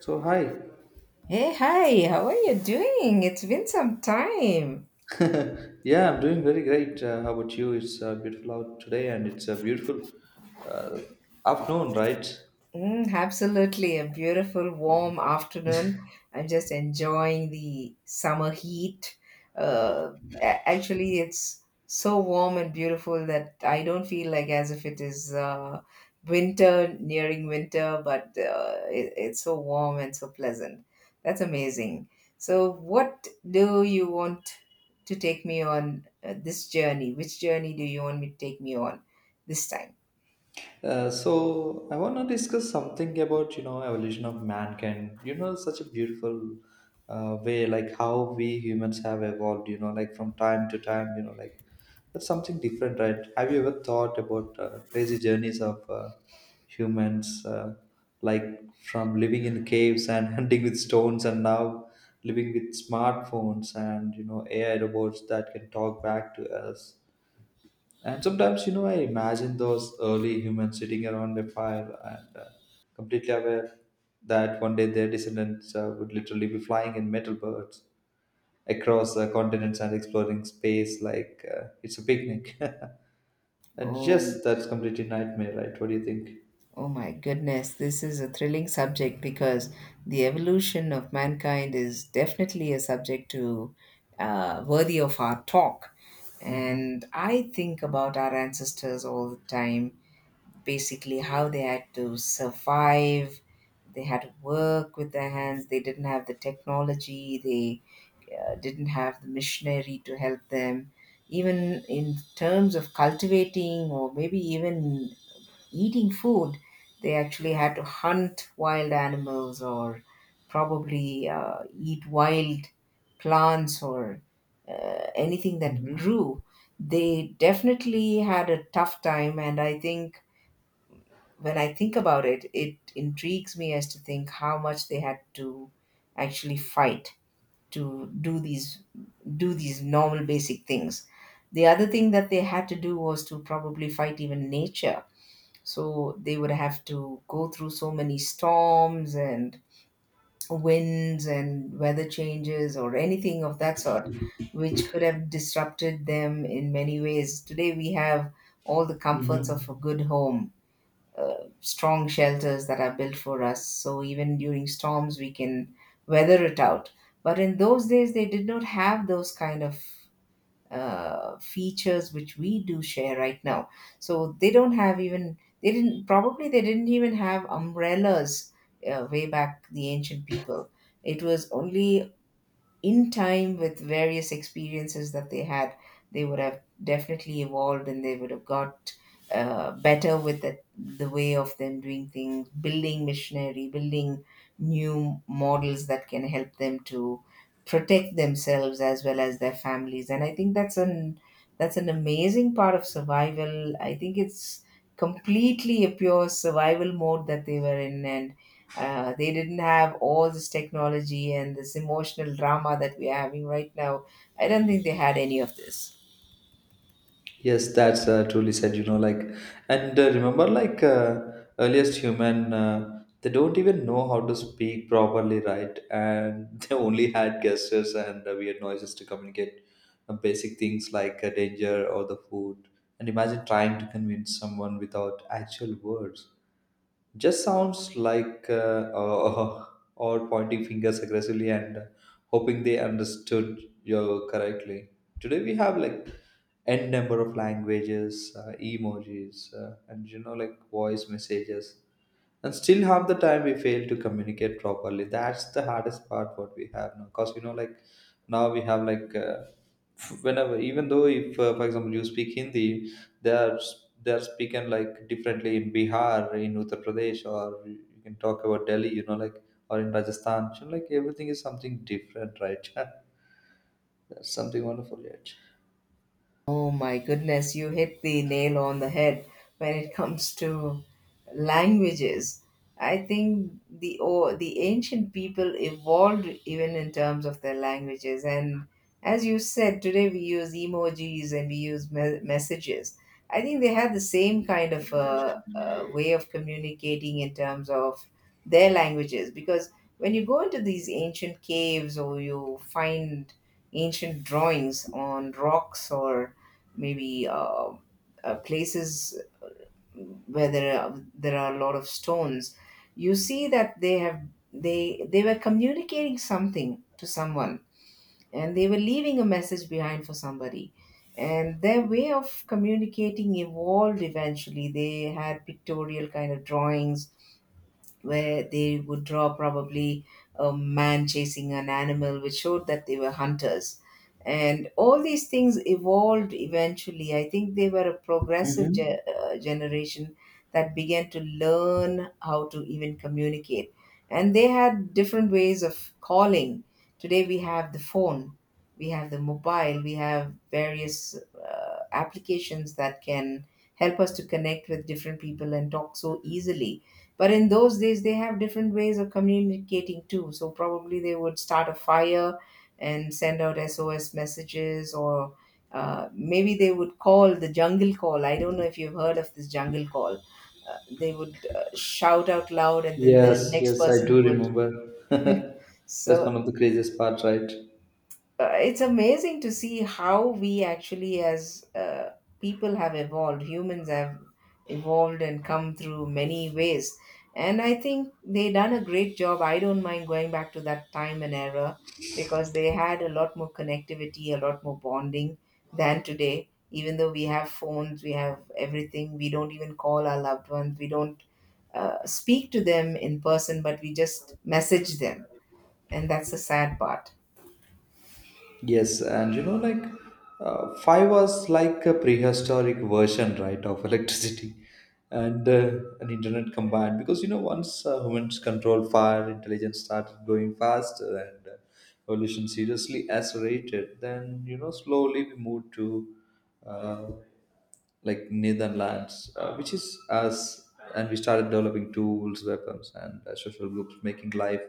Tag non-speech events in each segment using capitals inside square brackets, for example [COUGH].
So hi, Hey, hi, how are you doing? It's been some time. yeah, I'm doing very great. How about you? It's beautiful out today, and it's a beautiful uh, afternoon, right? Mm, absolutely, a beautiful warm afternoon. I'm just enjoying the summer heat. Uh, Actually, it's so warm and beautiful that I don't feel like as if it is winter, nearing winter, but it's so warm and so pleasant. That's amazing. So, what do you want to take me on this journey? Which journey do you want me to take me on this time? So I want to discuss something about evolution of mankind. Such a beautiful way, like how we humans have evolved. From time to time. That's something different, right? Have you ever thought about crazy journeys of humans, like from living in caves and [LAUGHS] hunting with stones, and now living with smartphones and AI robots that can talk back to us? And Oh, sometimes, I imagine those early humans sitting around a fire and completely aware that one day their descendants would literally be flying in metal birds across continents and exploring space like it's a picnic. [LAUGHS] And Oh, yes, that's completely nightmare, right? What do you think? Oh my goodness, this is a thrilling subject because the evolution of mankind is definitely a subject to worthy of our talk. Mm-hmm. And I think about our ancestors all the time, basically how they had to survive, they had to work with their hands, they didn't have the technology, they didn't have the missionary to help them. Even in terms of cultivating or maybe even eating food, they actually had to hunt wild animals or probably eat wild plants or anything that Mm-hmm. grew. They definitely had a tough time, and I think when I think about it, it intrigues me as to think how much they had to actually fight to do these normal basic things. The other thing that they had to do was to probably fight even nature, so they would have to go through so many storms and winds and weather changes or anything of that sort, which could have disrupted them in many ways. Today we have all the comforts of a Mm-hmm. good home, uh, strong shelters that are built for us. So even during storms, we can weather it out. But in those days, they did not have those kind of features which we do share right now. So they don't have even they didn't probably they didn't even have umbrellas way back, the ancient people. It was only in time with various experiences that they had, they would have definitely evolved and they would have got better with the way of them doing things, building missionary, building new models that can help them to protect themselves as well as their families. And I think that's an amazing part of survival. I think it's completely a pure survival mode that they were in, and they didn't have all this technology and this emotional drama that we are having right now. I don't think they had any of this. Yes, that's truly said, and remember, earliest human, they don't even know how to speak properly, right? And [LAUGHS] they only had gestures and weird noises to communicate basic things like danger or the food. And imagine trying to convince someone without actual words, just sounds like [LAUGHS] uh, or pointing fingers aggressively and hoping they understood you correctly. Today we have like n number of languages, emojis, and voice messages, and still half the time we fail to communicate properly. That's the hardest part what we have now, because now we have like whenever, even though, if for example you speak Hindi, they are speaking like differently in Bihar, in Uttar Pradesh, or you can talk about Delhi, or in Rajasthan. So like everything is something different, right? [LAUGHS] That's something wonderful yet. Oh my goodness, you hit the nail on the head when it [LAUGHS] comes to languages. I think the ancient people evolved even in terms of their languages. And as you said, today we use emojis and we use messages. I think they had the same kind of way of communicating in terms of their languages. Because when you go into these ancient caves or you find ancient drawings on rocks or maybe places where there are a lot of stones, you see that they were communicating something to someone, and they were leaving a message behind for somebody, and their way of communicating evolved. Eventually they had pictorial kind of drawings where they would draw probably a man chasing an animal, which showed that they were hunters. And all these things evolved eventually. I think they were a progressive Hmm. Generation that began to learn how to even communicate. And they had different ways of calling. Today we have the phone, we have the mobile, we have various applications that can help us to connect with different people and talk so easily, but in those days, they have different ways of communicating too. So probably they would start a fire and send out SOS messages, or maybe they would call the jungle call. I don't know if you've heard of this jungle call. They would shout out loud, and then Yes, the next yes, I person do would. remember. [LAUGHS] That's So one of the craziest parts, right? It's amazing to see how we actually as people have evolved, humans have evolved and come through many ways, and I think they done a great job. I don't mind going back to that time and era because they had a lot more connectivity, a lot more bonding than today. Even though we have phones, we have everything, we don't even call our loved ones, we don't speak to them in person, but we just message them, and that's the sad part. Yes, and five was like a prehistoric version, right, of electricity and an internet combined. Because once humans controlled fire, intelligence started growing faster, and evolution seriously accelerated. Then slowly we moved to uh, like Netherlands, which is us, and we started developing tools, weapons, and social groups, making life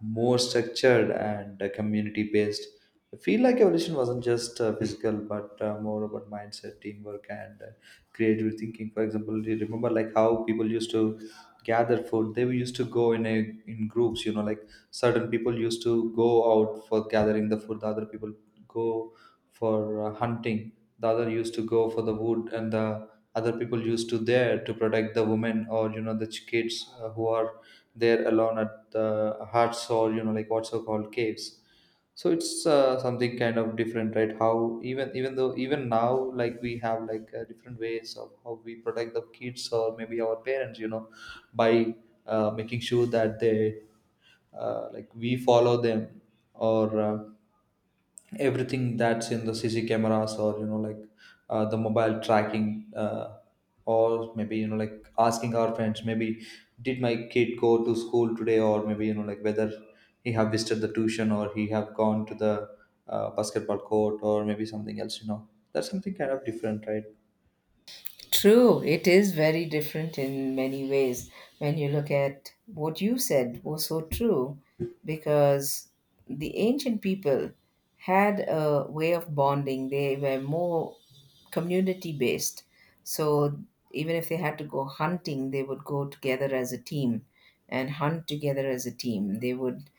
more structured and community based. I feel like evolution wasn't just physical, but more about mindset, teamwork, and creative thinking. For example, do you remember like how people used to gather food? They used to go in groups. You know, like certain people used to go out for gathering the food, the other people go for hunting, the other used to go for the wood, and the other people used to there to protect the women, or you know the kids who are there alone at the huts, or you know like what's so called caves. So it's something kind of different, right, how even though even now like we have like different ways of how we protect the kids or maybe our parents, you know, by making sure that they like we follow them, or everything that's in the CC cameras, or you know like the mobile tracking, or maybe you know like asking our friends, maybe did my kid go to school today, or maybe you know like whether he have visited the tuition or he have gone to the basketball court or maybe something else, you know. That's something kind of different, right? True, it is very different in many ways when you look at what you said was so true, because the ancient people had a way of bonding. They were more community based. So even if they had to go hunting, they would go together as a team and hunt together as a team. They would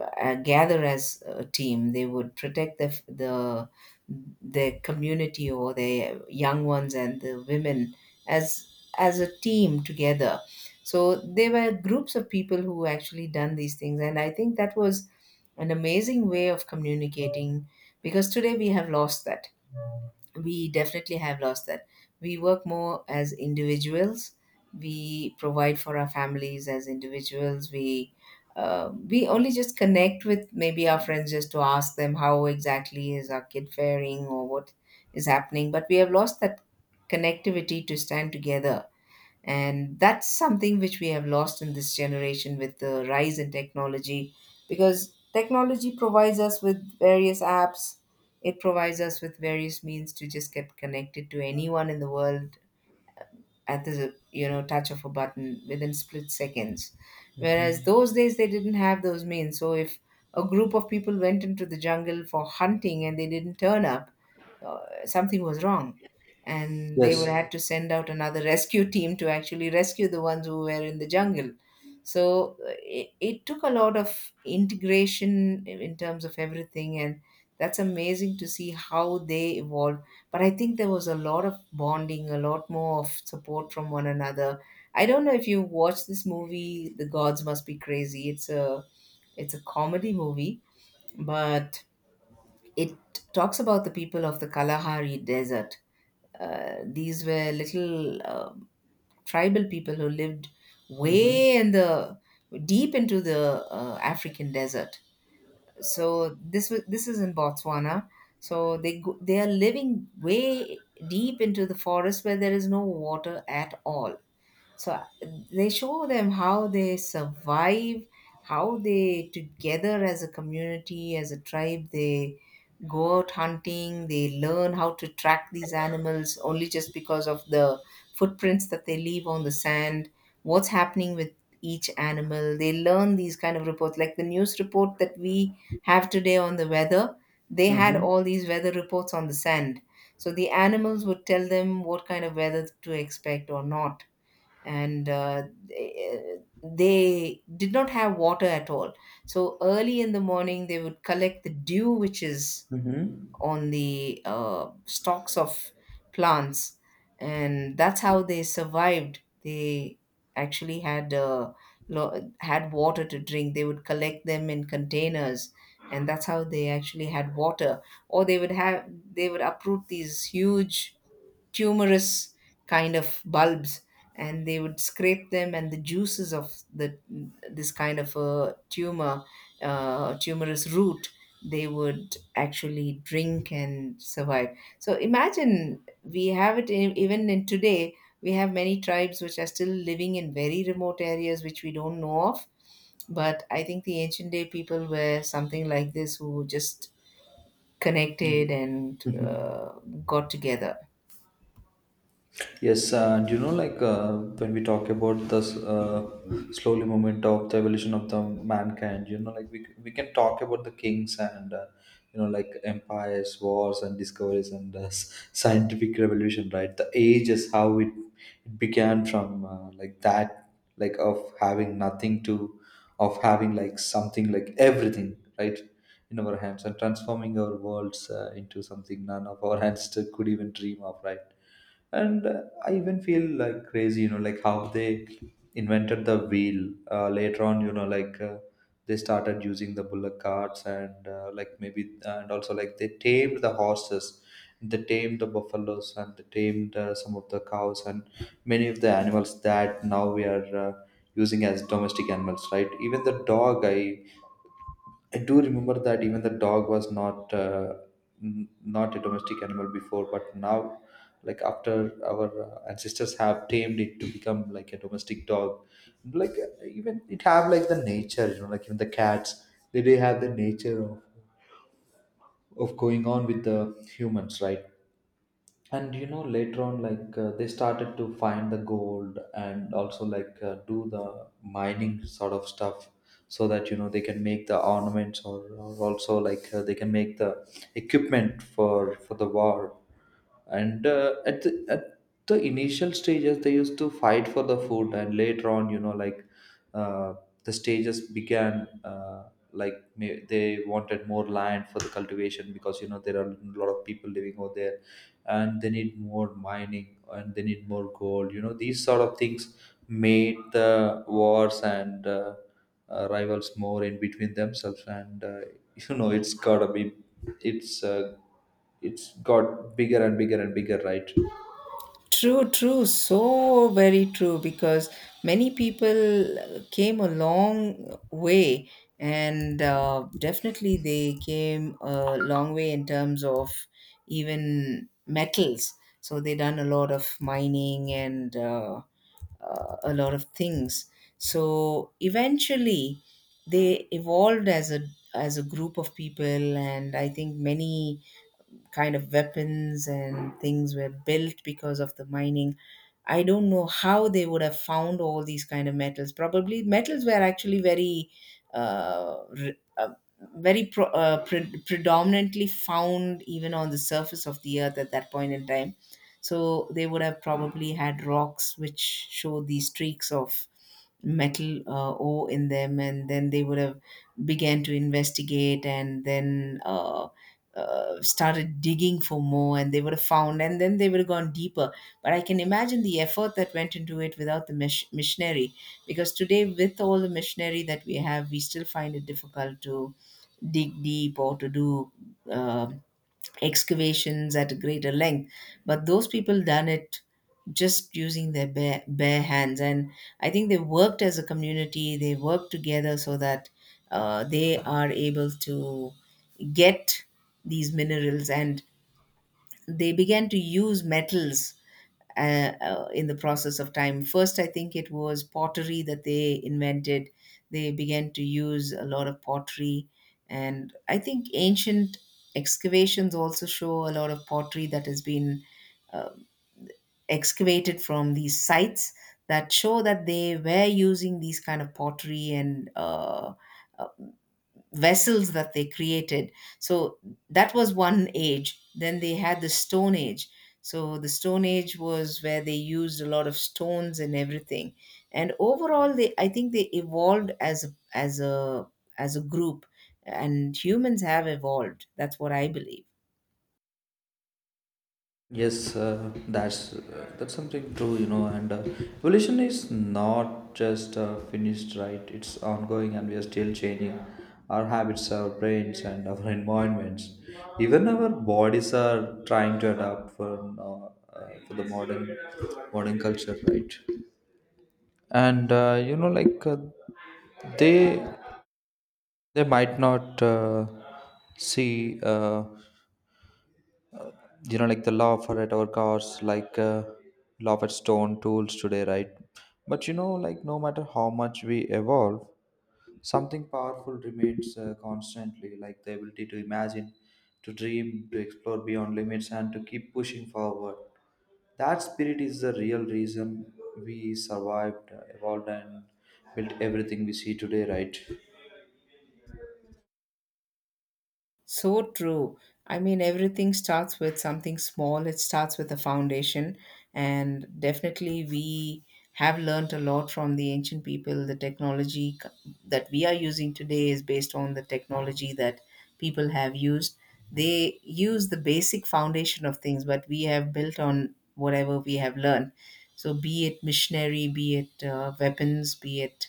gather as a team. They would protect the their community or their young ones and the women as as a team together. So there were groups of people who actually done these things, and I think that was an amazing way of communicating because today we have lost that, we definitely have lost that. We work more as individuals. We provide for our families as individuals. We only just connect with maybe our friends just to ask them how exactly is our kid faring or what is happening. But we have lost that connectivity to stand together, and that's something which we have lost in this generation with the rise in technology, because technology provides us with various apps, it provides us with various means to just get connected to anyone in the world at the, you know, touch of a button within split seconds, whereas those days they didn't have those means. So if a group of people went into the jungle for hunting and they didn't turn up, uh, something was wrong, and they would Yes. have to send out another rescue team to actually rescue the ones who were in the jungle. So it, it took a lot of integration in terms of everything and that's amazing to see how they evolved but I think there was a lot of bonding, a lot more of support from one another. I don't know if you watch this movie, The Gods Must Be Crazy. It's a comedy movie, but it talks about the people of the Kalahari Desert. These were little tribal people who lived Mm-hmm. way in the deep into the African desert. So this is in Botswana. So they go, they are living way deep into the forest where there is no water at all. So they show them how they survive, how they together as a community as a tribe, they go out hunting, they learn how to track these animals only just because of the footprints that they leave on the sand, what's happening with each animal. They learn these kind of reports like the news report that we have today on the weather. They had Mm-hmm. all these weather reports on the sand, so the animals would tell them what kind of weather to expect or not. And they did not have water at all. So early in the morning, they would collect the dew which is Mm-hmm. on the stalks of plants, and that's how they survived. They actually had had water to drink. They would collect them in containers, and that's how they actually had water. Or they would have they would uproot these huge tumorous kind of bulbs, and they would scrape them, and the juices of the this kind of a tumorous root they would actually drink and survive. So imagine we have it in, even in today we have many tribes which are still living in very remote areas which we don't know of, but I think the ancient day people were something like this who just connected and [LAUGHS] got together. Yes, and when we talk about the slowly movement of the evolution of the mankind, you know, like we can talk about the kings and, you know, like empires, wars, and discoveries and scientific revolution, right? The ages, how it began from like that, like of having nothing to, of having like something like everything, right? In our hands and transforming our worlds into something none of our ancestors [LAUGHS] could even dream of, right? And I even feel like crazy, you know, like how they invented the wheel later on, you know like they started using the bullock carts and like maybe, and also like they tamed the horses, they tamed the buffaloes, and they tamed some of the cows and many of the animals that now we are using as domestic animals, right? Even the dog i I do remember that even the dog was not not a domestic animal before, but now, like after our ancestors have tamed it to become like a domestic dog, like even it have like the nature, you know, like even the cats, they do have the nature of going on with the humans, right? And you know later on like they started to find the gold and also like do the mining sort of stuff, so that you know they can make the ornaments or also like they can make the equipment for the war. And at the initial stages they used to fight for the food, and later on you know like uh, the stages began like may, they wanted more land for the cultivation, because you know there are a lot of people living over there and they need more mining and they need more gold, you know, these sort of things made the wars and, rivals more in between themselves, and you know it's gotta be, it's uh, it's got bigger and bigger and bigger, right? True, true, so very true because many people came a long way, and definitely they came a long way in terms of even metals. So they done a lot of mining and a lot of things. So eventually they evolved as a group of people, and I think many kind of weapons and things were built because of the mining. I don't know how they would have found all these kind of metals. Probably metals were actually very, uh, re- uh, pre- predominantly found even on the surface of the earth at that point in time. So they would have probably had rocks which show these streaks of metal ore in them, and then they would have began to investigate, and then started digging for more, and they would have found, and then they would have gone deeper. But I can imagine the effort that went into it without the missionary, because today with all the missionary that we have, we still find it difficult to dig deep or to do uh, excavations at a greater length. But those people done it just using their bare, bare hands, and I think they worked as a community, they worked together so that they are able to get these minerals, and they began to use metals in the process of time. First, I think it was pottery that they invented. They began to use a lot of pottery, and I think ancient excavations also show a lot of pottery that has been uh, excavated from these sites, that show that they were using these kind of pottery and vessels that they created. So that was one age. Then they had the Stone Age. So the Stone Age was where they used a lot of stones and everything. And overall, they I think they evolved as a, as a as a group, and humans have evolved. That's what I believe. Yes, that's something true, you know, and evolution is not just finished, right, it's ongoing and we are still changing our habits, our brains, and our [LAUGHS] environments. Even our bodies are trying to adapt for now, for the modern culture, right? And you know like they they might not see you know like the law for at our cars, like law for stone tools today, right? But you know like no matter how much we evolve, something powerful remains constantly, like the ability to imagine, to dream, to explore beyond limits, and to keep pushing forward. That spirit is the real reason we survived, evolved, and built everything we see today, right? So true. I mean, everything starts with something small. It starts with a foundation. And definitely, we have learned a lot from the ancient people. The technology that we are using today is based on the technology that people have used. They use the basic foundation of things, but we have built on whatever we have learned. So, be it missionary, be it weapons,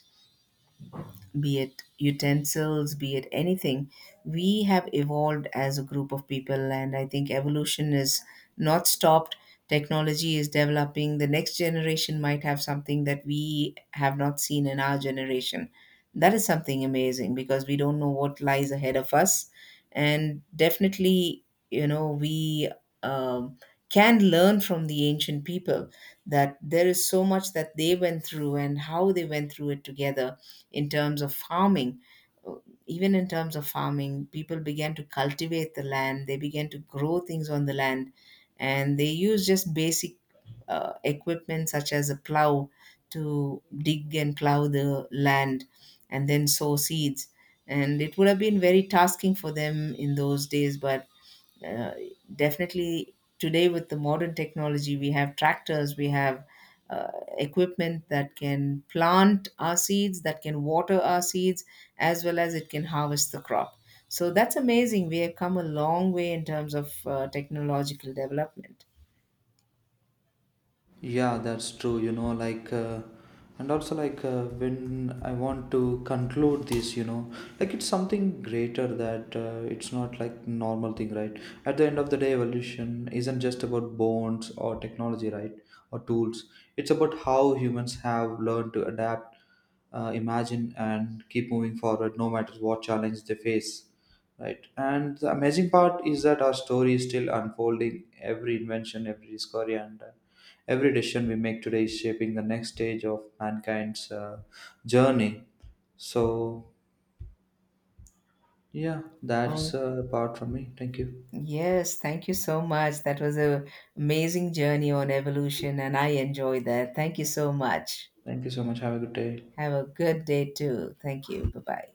be it utensils, be it anything, we have evolved as a group of people. And I think evolution is not stopped. Technology is developing. The next generation might have something that we have not seen in our generation. That is something amazing because we don't know what lies ahead of us. And definitely, you know, we um, can learn from the ancient people that there is so much that they went through and how they went through it together in terms of farming. Uh, even in terms of farming, people began to cultivate the land, they began to grow things on the land, and they use just basic equipment such as a plow to dig and plow the land, and then sow seeds. And it would have been very tasking for them in those days, but uh, definitely today with the modern technology, we have tractors, we have uh, equipment that can plant our seeds, that can water our seeds, as well as it can harvest the crop. So that's amazing. We have come a long way in terms of technological development. Yeah, that's true. You know, like, and also like When I want to conclude this, you know, like it's something greater, that it's not like normal thing, right? At the end of the day, evolution isn't just about bones or technology, right, or tools. It's about how humans have learned to adapt, imagine, and keep moving forward, no matter what challenge they face. Right, and the amazing part is that our story is still unfolding. Every invention, every discovery, and every decision we make today is shaping the next stage of mankind's journey. So, yeah, that's Oh, part from me. Thank you. yes, thank you so much. That was a amazing journey on evolution, and I enjoyed that. Thank you so much. Thank you so much. Have a good day. Have a good day too. Thank you. Bye bye.